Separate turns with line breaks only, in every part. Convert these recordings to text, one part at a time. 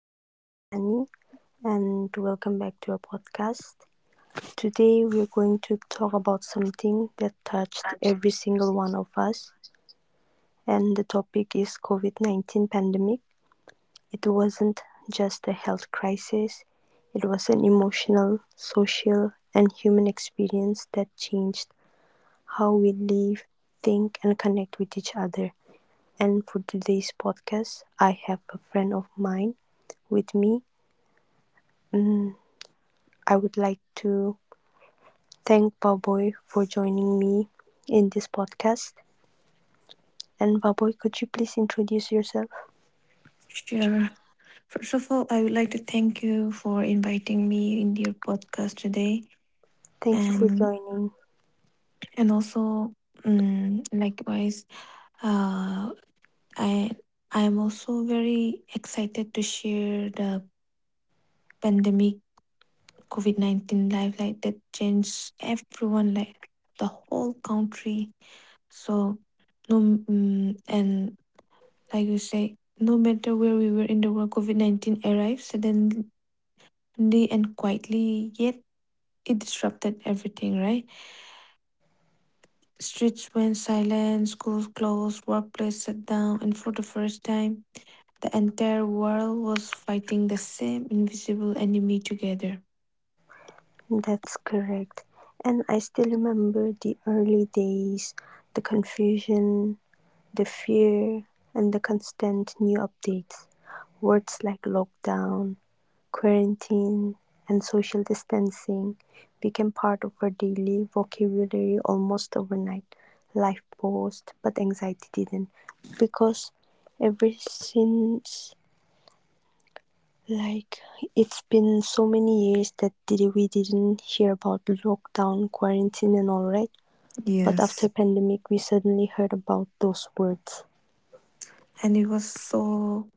My name is Fiani, and welcome back to our podcast. Today, we're going to talk about something that touched every single one of us, and the topic is COVID 19 pandemic. It wasn't just a health crisis, it was an emotional, social, and human experience that changed how we live, think, and connect with each other. And for today's podcast, I have a friend of mine with me. Mm, I would like to thank Baboy for joining me in this podcast. And Baboy, could you please introduce yourself?
Sure. First of all, I would like to thank you for inviting me in your podcast today,
Thank you for
and
joining.
and also, likewise, uh, I I am also very excited to share the pandemic COVID 19 life like that changed everyone like the whole country. So no, mm and like you say, no matter where we were in the world, COVID 19 arrived suddenly, openly and quietly, yet it disrupted everything, right? Streets went silent, schools closed, workplace shut down, and for the first time, the entire world was fighting the same invisible enemy together.
That's correct. And I still remember the early days, the confusion, the fear, and the constant new updates. Words like lockdown, quarantine, and social distancing became part of our daily vocabulary almost overnight. Life paused, but anxiety didn't, because ever since, like, it's been so many years that we didn't hear about lockdown, quarantine, and all, right? But after
Yes.
pandemic, we suddenly heard about those words.
And it was so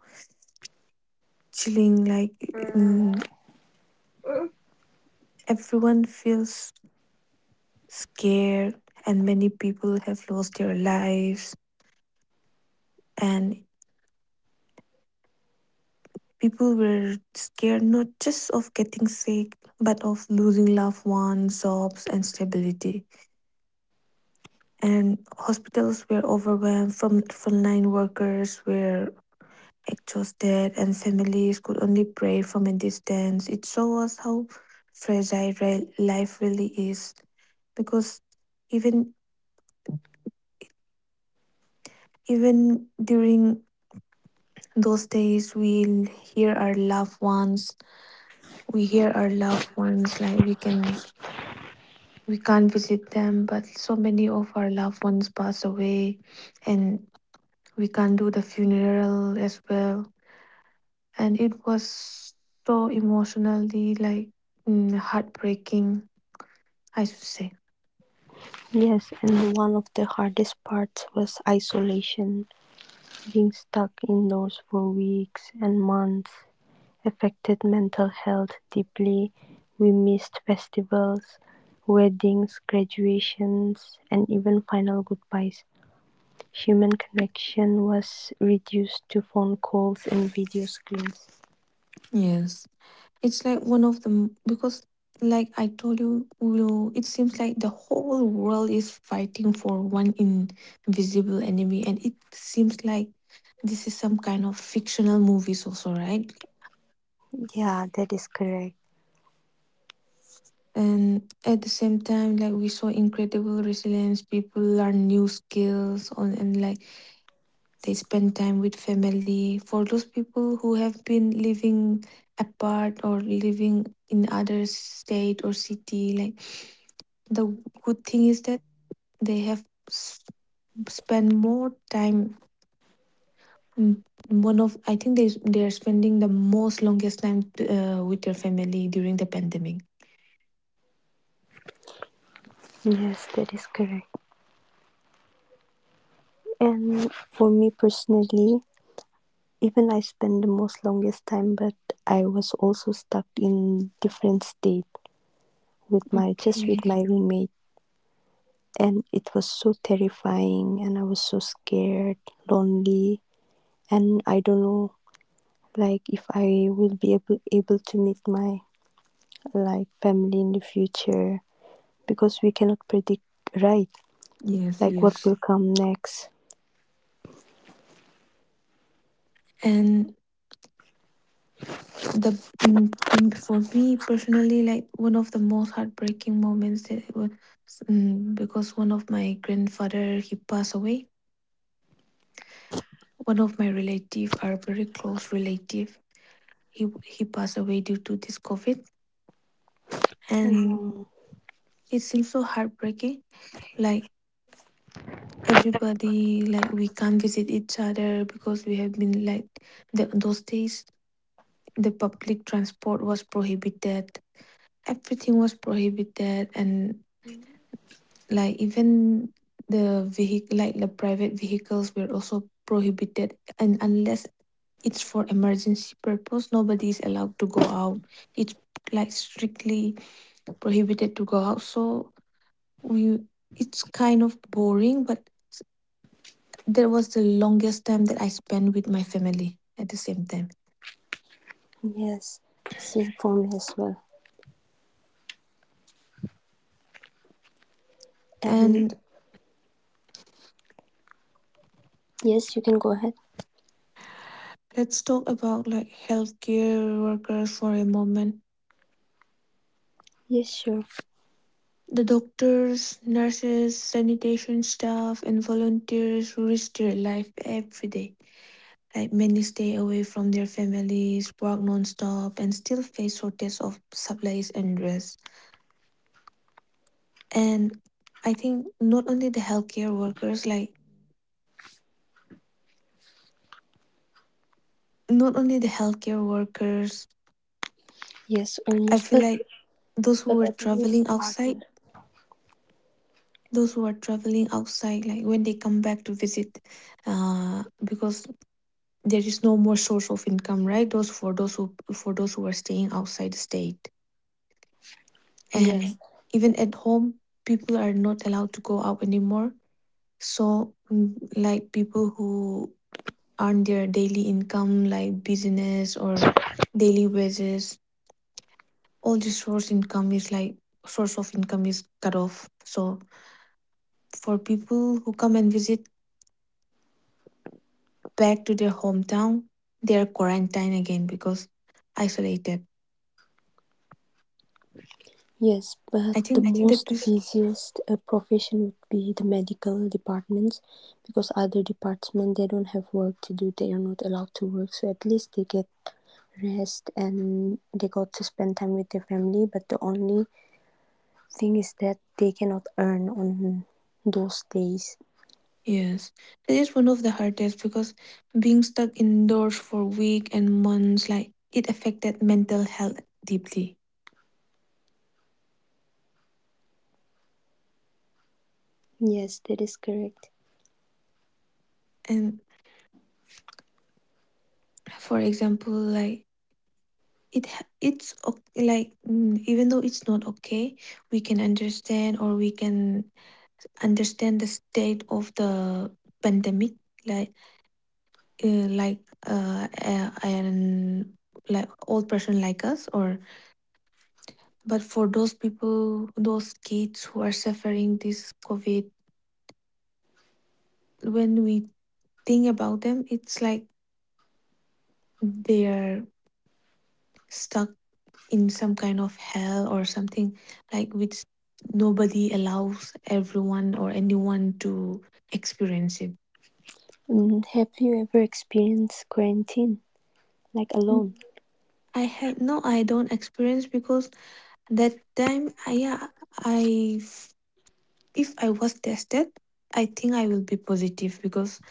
chilling, like mm, everyone feels scared, and many people have lost their lives. And people were scared not just of getting sick, but of losing loved ones, jobs, and stability. And hospitals were overwhelmed, from frontline workers were exhausted, and families could only pray from a distance. It shows us how fragile life really is, because even even during those days, we hear our loved ones we hear our loved ones like we can we can't visit them, but so many of our loved ones passed away, and we can't do the funeral as well. And it was so emotionally, like, heartbreaking, I should say.
Yes, and one of the hardest parts was isolation. Being stuck indoors for weeks and months affected mental health deeply. We missed festivals, weddings, graduations, and even final goodbyes. Human connection was reduced to phone calls and video screens.
Yes, it's like one of them because, like I told you, Ulo, it seems like the whole world is fighting for one invisible enemy, and it seems like this is some kind of fictional movies also, right?
Yeah, that is correct.
And at the same time, like, we saw incredible resilience. People learn new skills on, and like, they spend time with family. For those people who have been living apart or living in other state or city, like, the good thing is that they have s- spend more time. In One of, I think they are spending the most longest time with their family during the pandemic.
Yes, that is correct. And for me personally, even I spent the most longest time, but I was also stuck in different state with my just
Okay.
with my roommate, and it was so terrifying and I was so scared, lonely, and I don't know like if I will be able to meet my like family in the future because we cannot predict, right,
Yes.
like what
Yes.
will come next.
And the for me personally, like, one of the most heartbreaking moments that it was, because one of my grandfather, he passed away. One of my relative, our very close relative, he passed away due to this covid. And
Mm,
it seems so heartbreaking, like, everybody, like, we can't visit each other because we have been like, those days the public transport was prohibited, everything was prohibited. And like, even the vehicle, like the private vehicles were also prohibited, and unless it's for emergency purpose, nobody is allowed to go out. It's like strictly prohibited to go out. So we, it's kind of boring, but that was the longest time that I spent with my family at the same time.
yes, same for me as well. And
And
yes, you can go ahead.
let's talk about like healthcare workers for a moment.
Yes, sure.
The doctors, nurses, sanitation staff, and volunteers risk their life every day. Like, many stay away from their families, work non-stop, and still face shortage of supplies and rest. And I think not only the healthcare workers, like, not only the healthcare workers,
Yes,
I
almost,
feel like those who
but
were
at least
traveling
other.
outside, those who are traveling outside, like when they come back to visit, because there is no more source of income, right? those for those who For those who are staying outside the state,
Yes,
and even at home, people are not allowed to go out anymore. So, like, people who earn their daily income, like business or daily wages, all the source income is like source of income is cut off. So for people who come and visit back to their hometown, they are quarantined again because isolated.
yes, but
I
the
think that
most
is,
busiest profession would be the medical departments, because other departments they don't have work to do. They are not allowed to work, so at least they get rest and they got to spend time with their family. But the only thing is that they cannot earn on those days.
yes, that is one of the hardest, because being stuck indoors for weeks and months, like, it affected mental health deeply.
Yes, that is correct.
And for example, like, it, ha- it's ok- like, even though it's not okay, we can understand, or we can understand the state of the pandemic, like, like and like old person like us, or, but for those people, those kids who are suffering this covid, when we think about them, it's like they're stuck in some kind of hell or something, like, which nobody allows everyone or anyone to experience it.
Mm, have you ever experienced quarantine like
Mm,
alone?
I have no, I don't experience because that time, yeah, I f- if I was tested, I think I will be positive because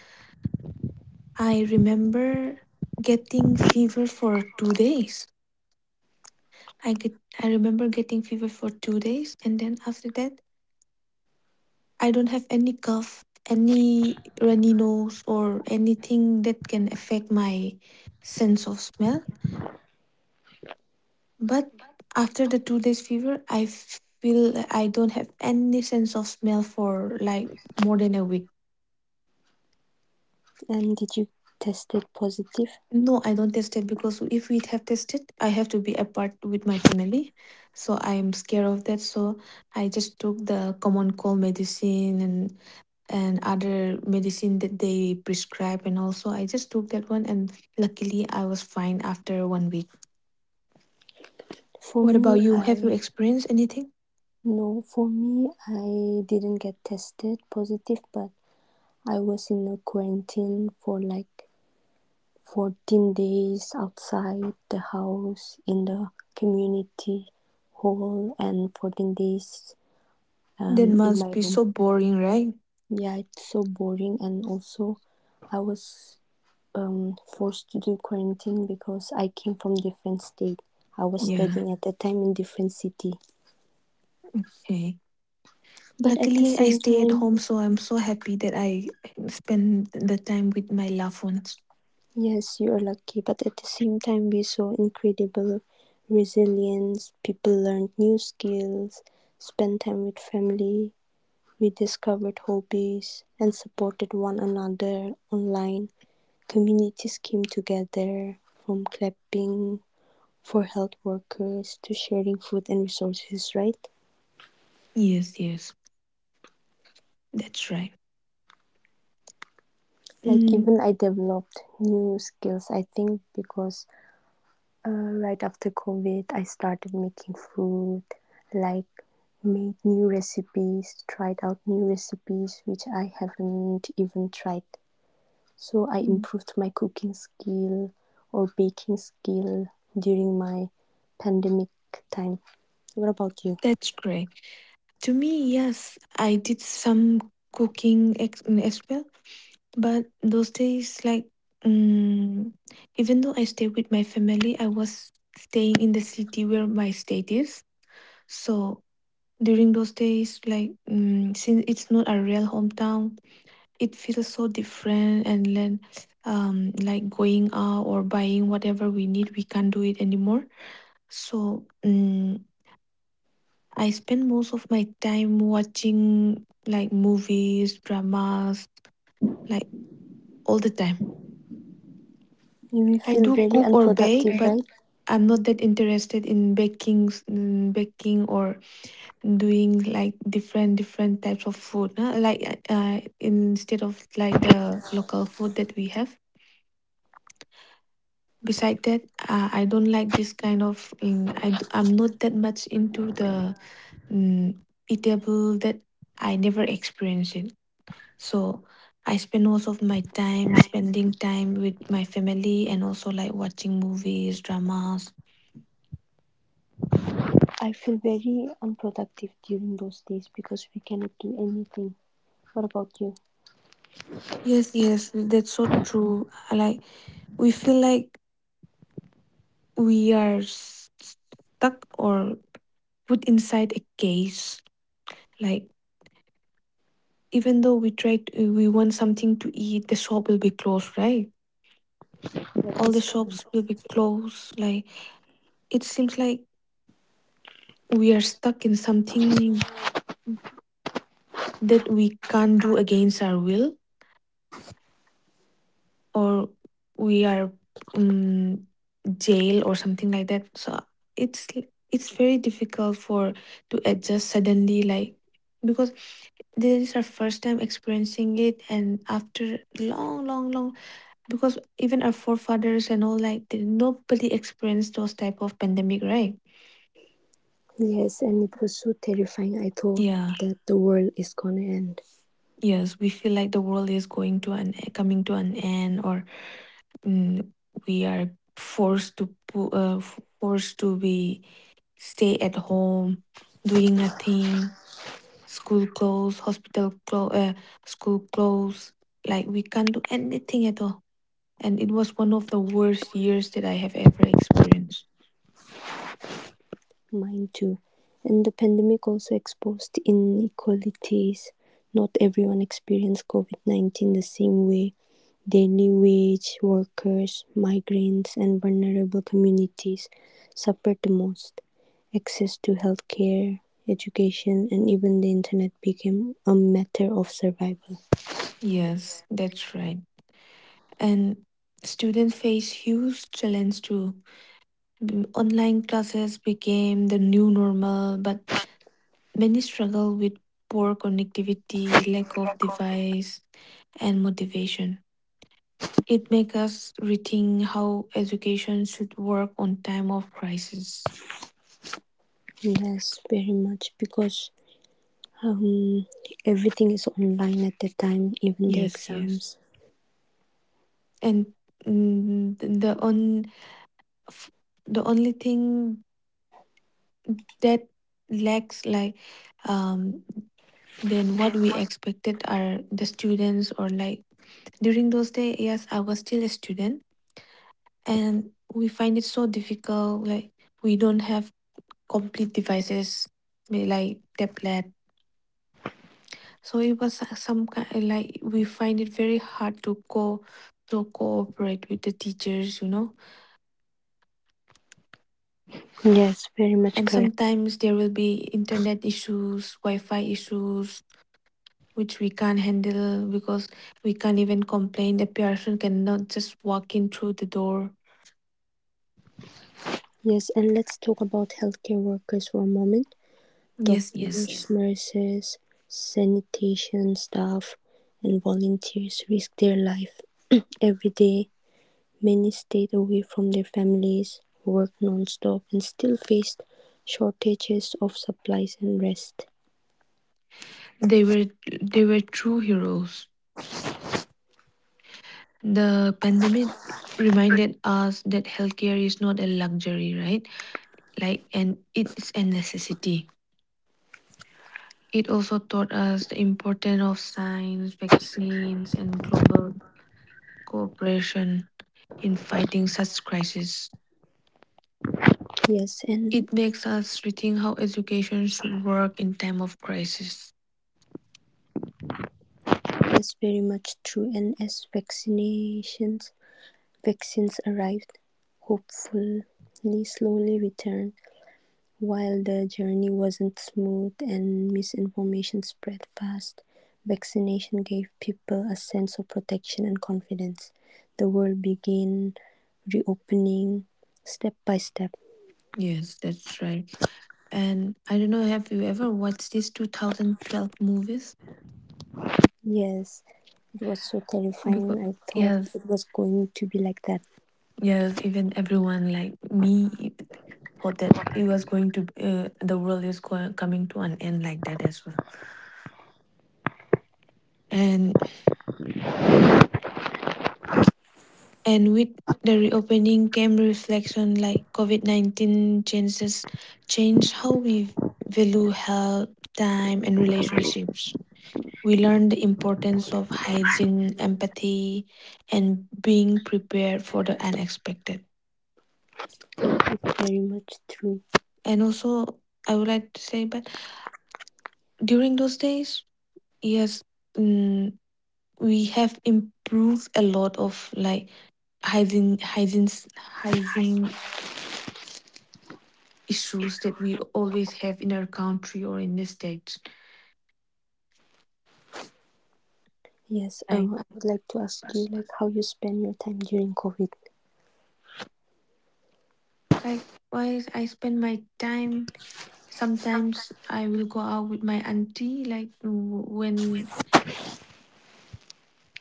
I remember getting fever for 2 days. I get I remember getting fever for 2 days, and then after that I don't have any cough, any runny nose or anything that can affect my sense of smell. But after the 2 days fever, I feel that I don't have any sense of smell for like more than a week.
And did you test it positive?
No, I don't test it because if we have tested, I have to be apart with my family. So I'm scared of that. So I just took the common cold medicine, and other medicine that they prescribe, and also I just took that one, and luckily I was fine after 1 week.
For
What
me,
about you, have you
I
experienced anything?
No, for me, I didn't get tested positive, but I was in a quarantine for like 14 days outside the house in the community hall and 14 days
That
in
must
my
be
room.
so boring, right?
Yeah, it's so boring, and also I was forced to do quarantine because I came from different state. I was
Yeah.
studying at that time in different city.
Okay.
But at the
Luckily I
same
stay at
time,
home, so I'm so happy that I spend the time with my loved ones.
yes, you are lucky, but at the same time, we saw incredible resilience. People learned new skills, spent time with family, rediscovered hobbies, and supported one another online. Communities came together, from clapping for health workers to sharing food and resources, right?
Yes, yes, that's right.
Like,
mm,
even I developed new skills, I think, because right after COVID, I started making food, like made new recipes, tried out new recipes which I haven't even tried. So I
mm,
improved my cooking skill or baking skill during my pandemic time. What about you?
that's great. To me, yes, I did some as well. But those days, like, mm, even though I stayed with my family, I was staying in the city where my state is. So during those days, like, since it's not a real hometown, it feels so different. And then, like, going out or buying whatever we need, we can't do it anymore. So, I spend most of my time watching like movies, dramas, like, all the time.
You
I
feel
do
very
cook or bake,
unproductive,
but
right?
I'm not that interested in baking, baking or doing like different types of food, huh? Like, instead of like the local food that we have. Beside that, I don't like this kind of. I'm not that much into the um, eatable that I never experienced it. So I spend most of my time spending time with my family and also like watching movies, dramas.
I feel very unproductive during those days because we cannot do anything. What about you?
Yes, yes, that's so true. I Like, we feel like we are stuck or put inside a case. Like, even though we try to, we want something to eat, the shop will be closed, right?
What
All the
is coming?
shops will be closed. Like, it seems like we are stuck in something that we can't do against our will. Or we are, um, jail or something like that. So it's it's very difficult for to adjust suddenly, like, because this is our first time experiencing it, and after long, because even our forefathers and all, like, they, nobody experienced those type of pandemic, right?
Yes, and it was so terrifying. I thought
Yeah,
that the world is gonna end,
yes, we feel like the world is going to an, coming to an end, or, mm, we are forced to forced to be stay at home, doing nothing, school clothes, hospital clothes, school clothes. Like, we can't do anything at all. And it was one of the worst years that I have ever experienced.
mine too. And the pandemic also exposed inequalities. Not everyone experienced COVID 19 the same way. Daily wage workers, migrants, and vulnerable communities suffered the most. Access to healthcare, education, and even the internet became a matter of survival.
Yes, that's right. And students face huge challenge too. Online classes became the new normal, but many struggle with poor connectivity, lack of device, and motivation. It makes us rethink how education should work on time of crisis.
Yes, very much because Um, everything is online at the time, even the
Yes, yes.
exams.
And mm, th- the on f- the only thing that lacks, like, um. than what we expected are the students, or like, during those days, yes, I was still a student, and we find it so difficult, like, we don't have complete devices, like tablet. So it was so, some kind like, we find it very hard to go to cooperate with the teachers, you know?
Yes, very much
And
correct.
sometimes there will be internet issues, wi-fi issues, which we can't handle, because we can't even complain. The person cannot just walk in through the door.
Yes, and let's talk about healthcare workers for a moment.
Yes, yes.
Doctors, nurses, sanitation staff, and volunteers risk their life every day. Many stayed away from their families, worked non-stop, and still faced shortages of supplies and rest.
They were they were true heroes. The pandemic reminded us that healthcare is not a luxury, right? Like, and it's a necessity. It also taught us the importance of science, vaccines, and global cooperation in fighting such crises.
Yes, and
It makes us rethink how education should work in time of crisis.
that's very much true. And as vaccinations vaccines arrived, hopefully slowly returned, while the journey wasn't smooth and misinformation spread fast. Vaccination gave people a sense of protection and confidence. The world began reopening step by step.
Yes, that's right. And I don't know, have you ever watched these 2012 movies?
Yes, it was so terrifying.
Because
I thought
yes,
it was going to be like that.
yes, even everyone like me even thought that it was going to, the world is going, coming to an end like that as well. And, with the reopening came reflection, like COVID-19 changes changed how we value health, time and relationships. We learn the importance of hygiene, empathy, and being prepared for the unexpected.
It's very much true.
And also, I would like to say, but during those days, yes, mm, we have improved a lot of like hygiene, hygiene issues that we always have in our country or in the states.
Yes,
Like,
I would like to ask you like how you spend your time during COVID.
like, why I spend my time. Sometimes I will go out with my auntie, like when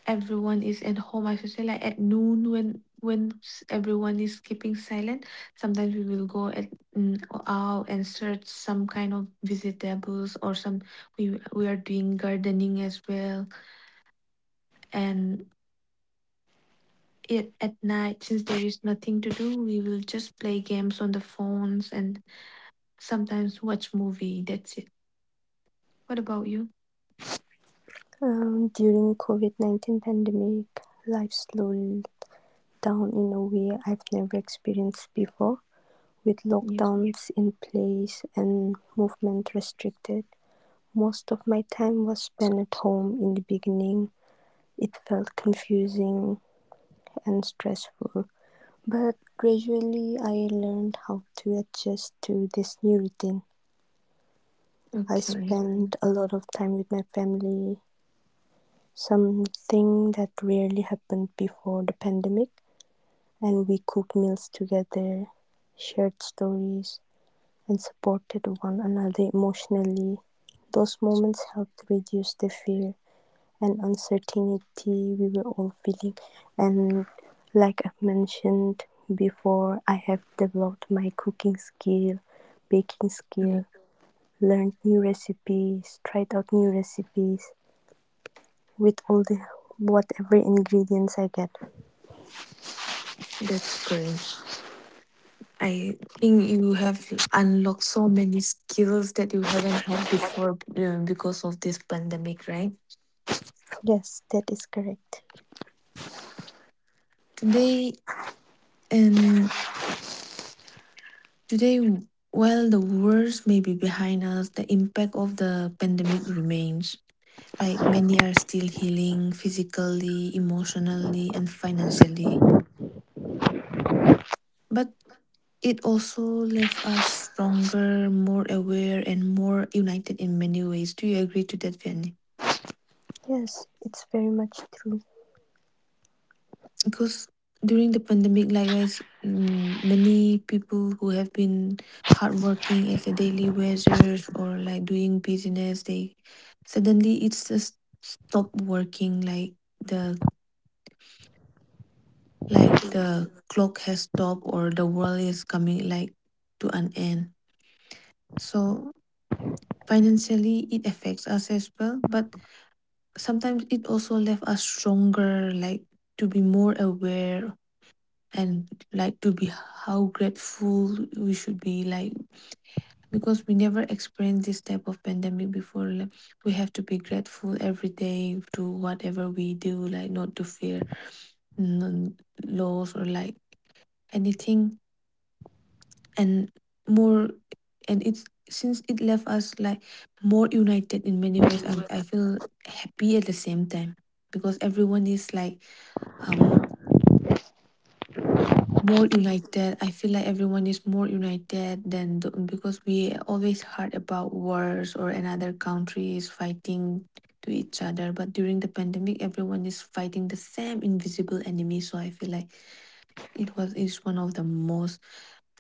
everyone is at home. I should say, like, at noon when everyone is keeping silent. Sometimes we will go mm, out and search some kind of vegetables, or some we are doing gardening as well. And at night, since there is nothing to do, we will just play games on the phones, and sometimes watch movie. That's it. What about you?
During COVID-19 pandemic, life slowed down in a way I've never experienced before. With
Yes.
lockdowns in place and movement restricted, most of my time was spent at home in the beginning. It felt confusing and stressful, but gradually I learned how to adjust to this new routine. I
Okay.
spent a lot of time with my family, something that rarely happened before the pandemic, and we cooked meals together, shared stories, and supported one another emotionally. Those moments helped reduce the fear and uncertainty we were all feeling. And like I've mentioned before, I have developed my cooking skill, baking
Okay.
skill, learned new recipes, tried out new recipes with all the whatever ingredients I get.
That's great. I think you have unlocked so many skills that you haven't had before, because of this pandemic, right?
Yes, that is correct.
Today and today, while the worst may be behind us, the impact of the pandemic remains. Like, many are still healing physically, emotionally, and financially. But it also left us stronger, more aware, and more united in many ways. Do you agree to that, Vianney?
Yes, it's very much true.
Because during the pandemic, likewise, many people who have been hardworking as a daily wagers, or like doing business, they suddenly, it's just stopped working, like the the clock has stopped, or the world is coming, like, to an end. So, financially it affects us as well, but sometimes it also left us stronger, like, to be more aware, and like to be how grateful we should be, like, because we never experienced this type of pandemic before. Like, we have to be grateful every day to whatever we do, like, not to fear n- laws or like anything. And more, and it's, since it left us like more united in many ways, I feel happy at the same time, because everyone is, like, um more united. I feel like everyone is more united than because we always heard about wars or another countries fighting to each other. But during the pandemic, everyone is fighting the same invisible enemy. So I feel like it was is one of the most,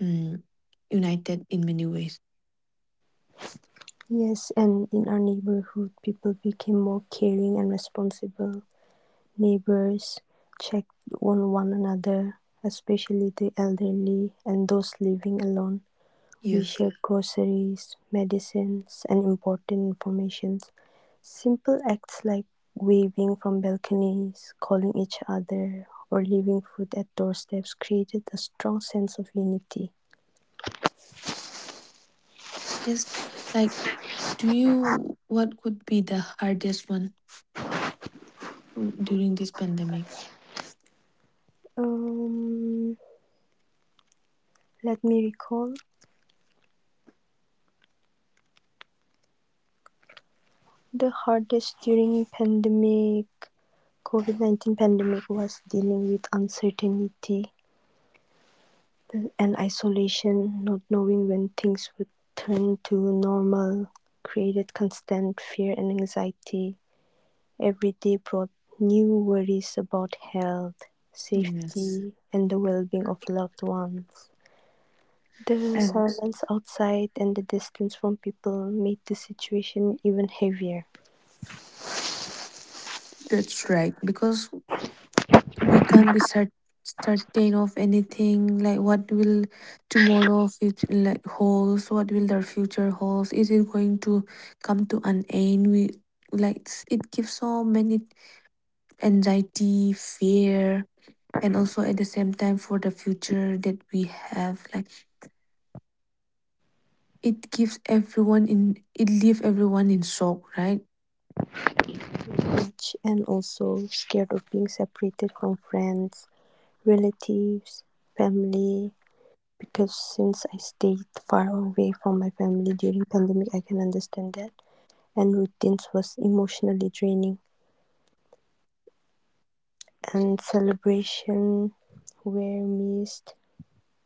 um, united in many ways.
Yes, and in our neighborhood, people became more caring and responsible. Neighbors checked on one another, especially the elderly and those living alone. We
Yes,
shared groceries, medicines, and important information. Simple acts like waving from balconies, calling each other, or leaving food at doorsteps created a strong sense of unity.
yes. Like, do you? What could be the hardest one during this pandemic?
Um, let me recall. The hardest during pandemic COVID 19 pandemic was dealing with uncertainty and isolation, not knowing when things would turn to normal created constant fear and anxiety. Every day brought new worries about health,
Yes.
safety, and the well being of loved ones. The
And
silence outside and the distance from people made the situation even heavier.
that's right, because we can't be certain of anything, like what will tomorrow future, like, holds, what will their future holds, is it going to come to an end? We, like, it gives so many anxiety, fear, and also at the same time for the future that we have, like, it gives everyone in, it leave everyone in shock, right?
age, and also scared of being separated from friends, relatives, family, because since I stayed far away from my family during pandemic I can understand that, and routines was emotionally draining and celebration were missed,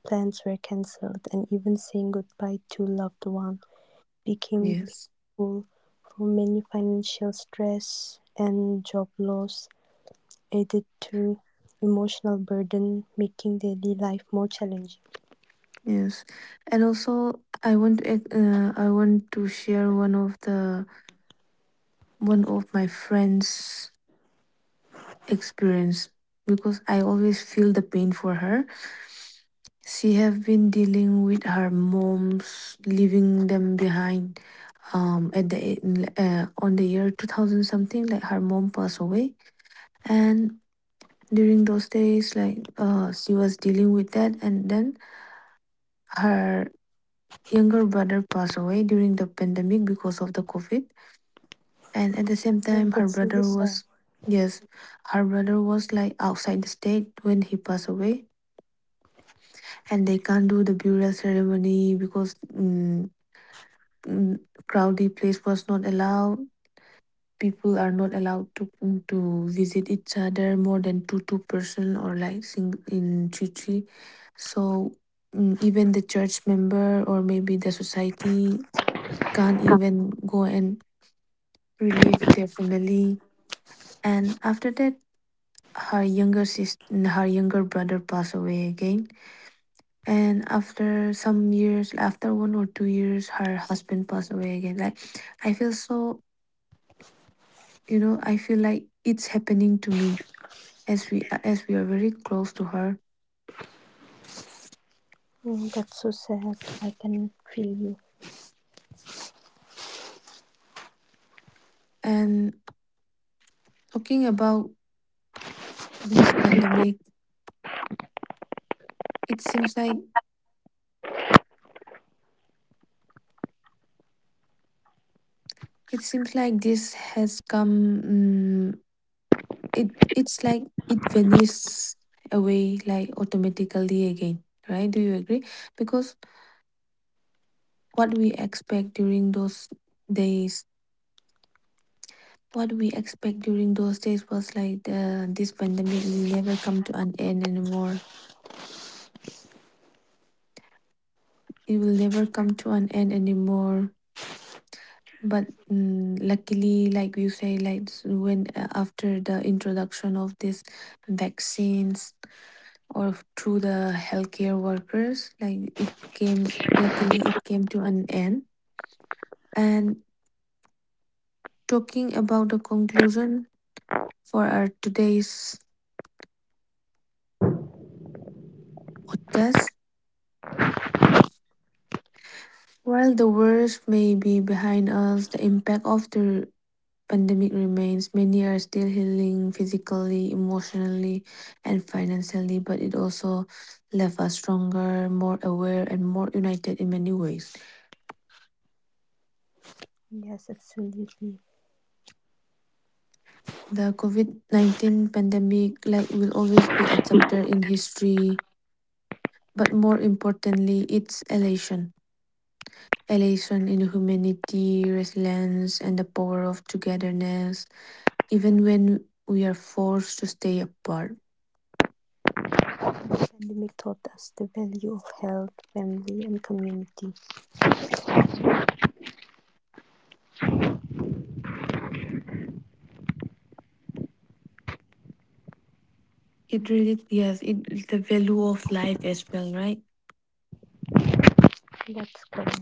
plans were cancelled and even saying goodbye to loved one became
Yes,
painful. For many financial stress and job loss added to emotional burden, making daily life more challenging.
yes. And also, I want to share one of my friends experience, because I always feel the pain for her. She have been dealing with her mom's leaving them behind, at the on the year 2000 something, like her mom passed away. And during those days, like, she was dealing with that, and then her younger brother passed away during the pandemic because of the COVID. And at the same
Yeah,
time, her
that's really
brother
sad.
was, yes, her brother was, like, outside the state when he passed away, and they can't do the burial ceremony because, mm, crowded place was not allowed. People are not allowed to, visit each other more than two person, or like sing in three. So, even the church member or maybe the society can't even go and relieve their family. And after that, her younger brother passed away again. And after 1 or 2 years, her husband passed away again. Like, I feel so, I feel like it's happening to me, as we are very close to her.
Mm, that's so sad. I can feel you.
And talking about this pandemic, it seems like it seems like this has come, it's like it vanishes away, like, automatically again, right? Do you agree? Because what we expect during those days what we expect during those days was like, this pandemic will never come to an end anymore. It will never come to an end anymore. But, luckily, like you say, like when after the introduction of these vaccines, or through the healthcare workers, like, it came, luckily it came to an end. And talking about the conclusion for our today's podcast. While the worst may be behind us, the impact of the pandemic remains. Many are still healing physically, emotionally, and financially, but it also left us stronger, more aware, and more united in many ways.
Yes, absolutely.
The COVID 19 pandemic, like, will always be a chapter in history, but more importantly, its elation. Elation in humanity, resilience, and the power of togetherness, even when we are forced to stay apart.
Pandemic taught us the value of health, family, and community.
It really, yes, it the value of life as well, right?
That's correct.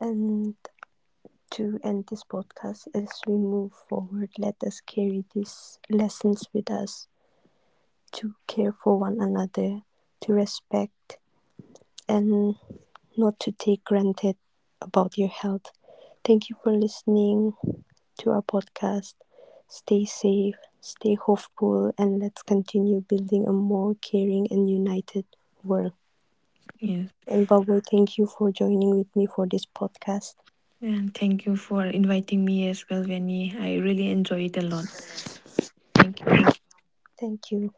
And to end this podcast, as we move forward, let us carry these lessons with us to care for one another, to respect and not to take granted about your health. Thank you for listening to our podcast. Stay safe, stay hopeful, and let's continue building a more caring and united world.
Yes.
And Bubble, thank you for joining with me for this podcast.
And thank you for inviting me as well, Vinny. I really enjoy it a lot. Thank you.
Thank you.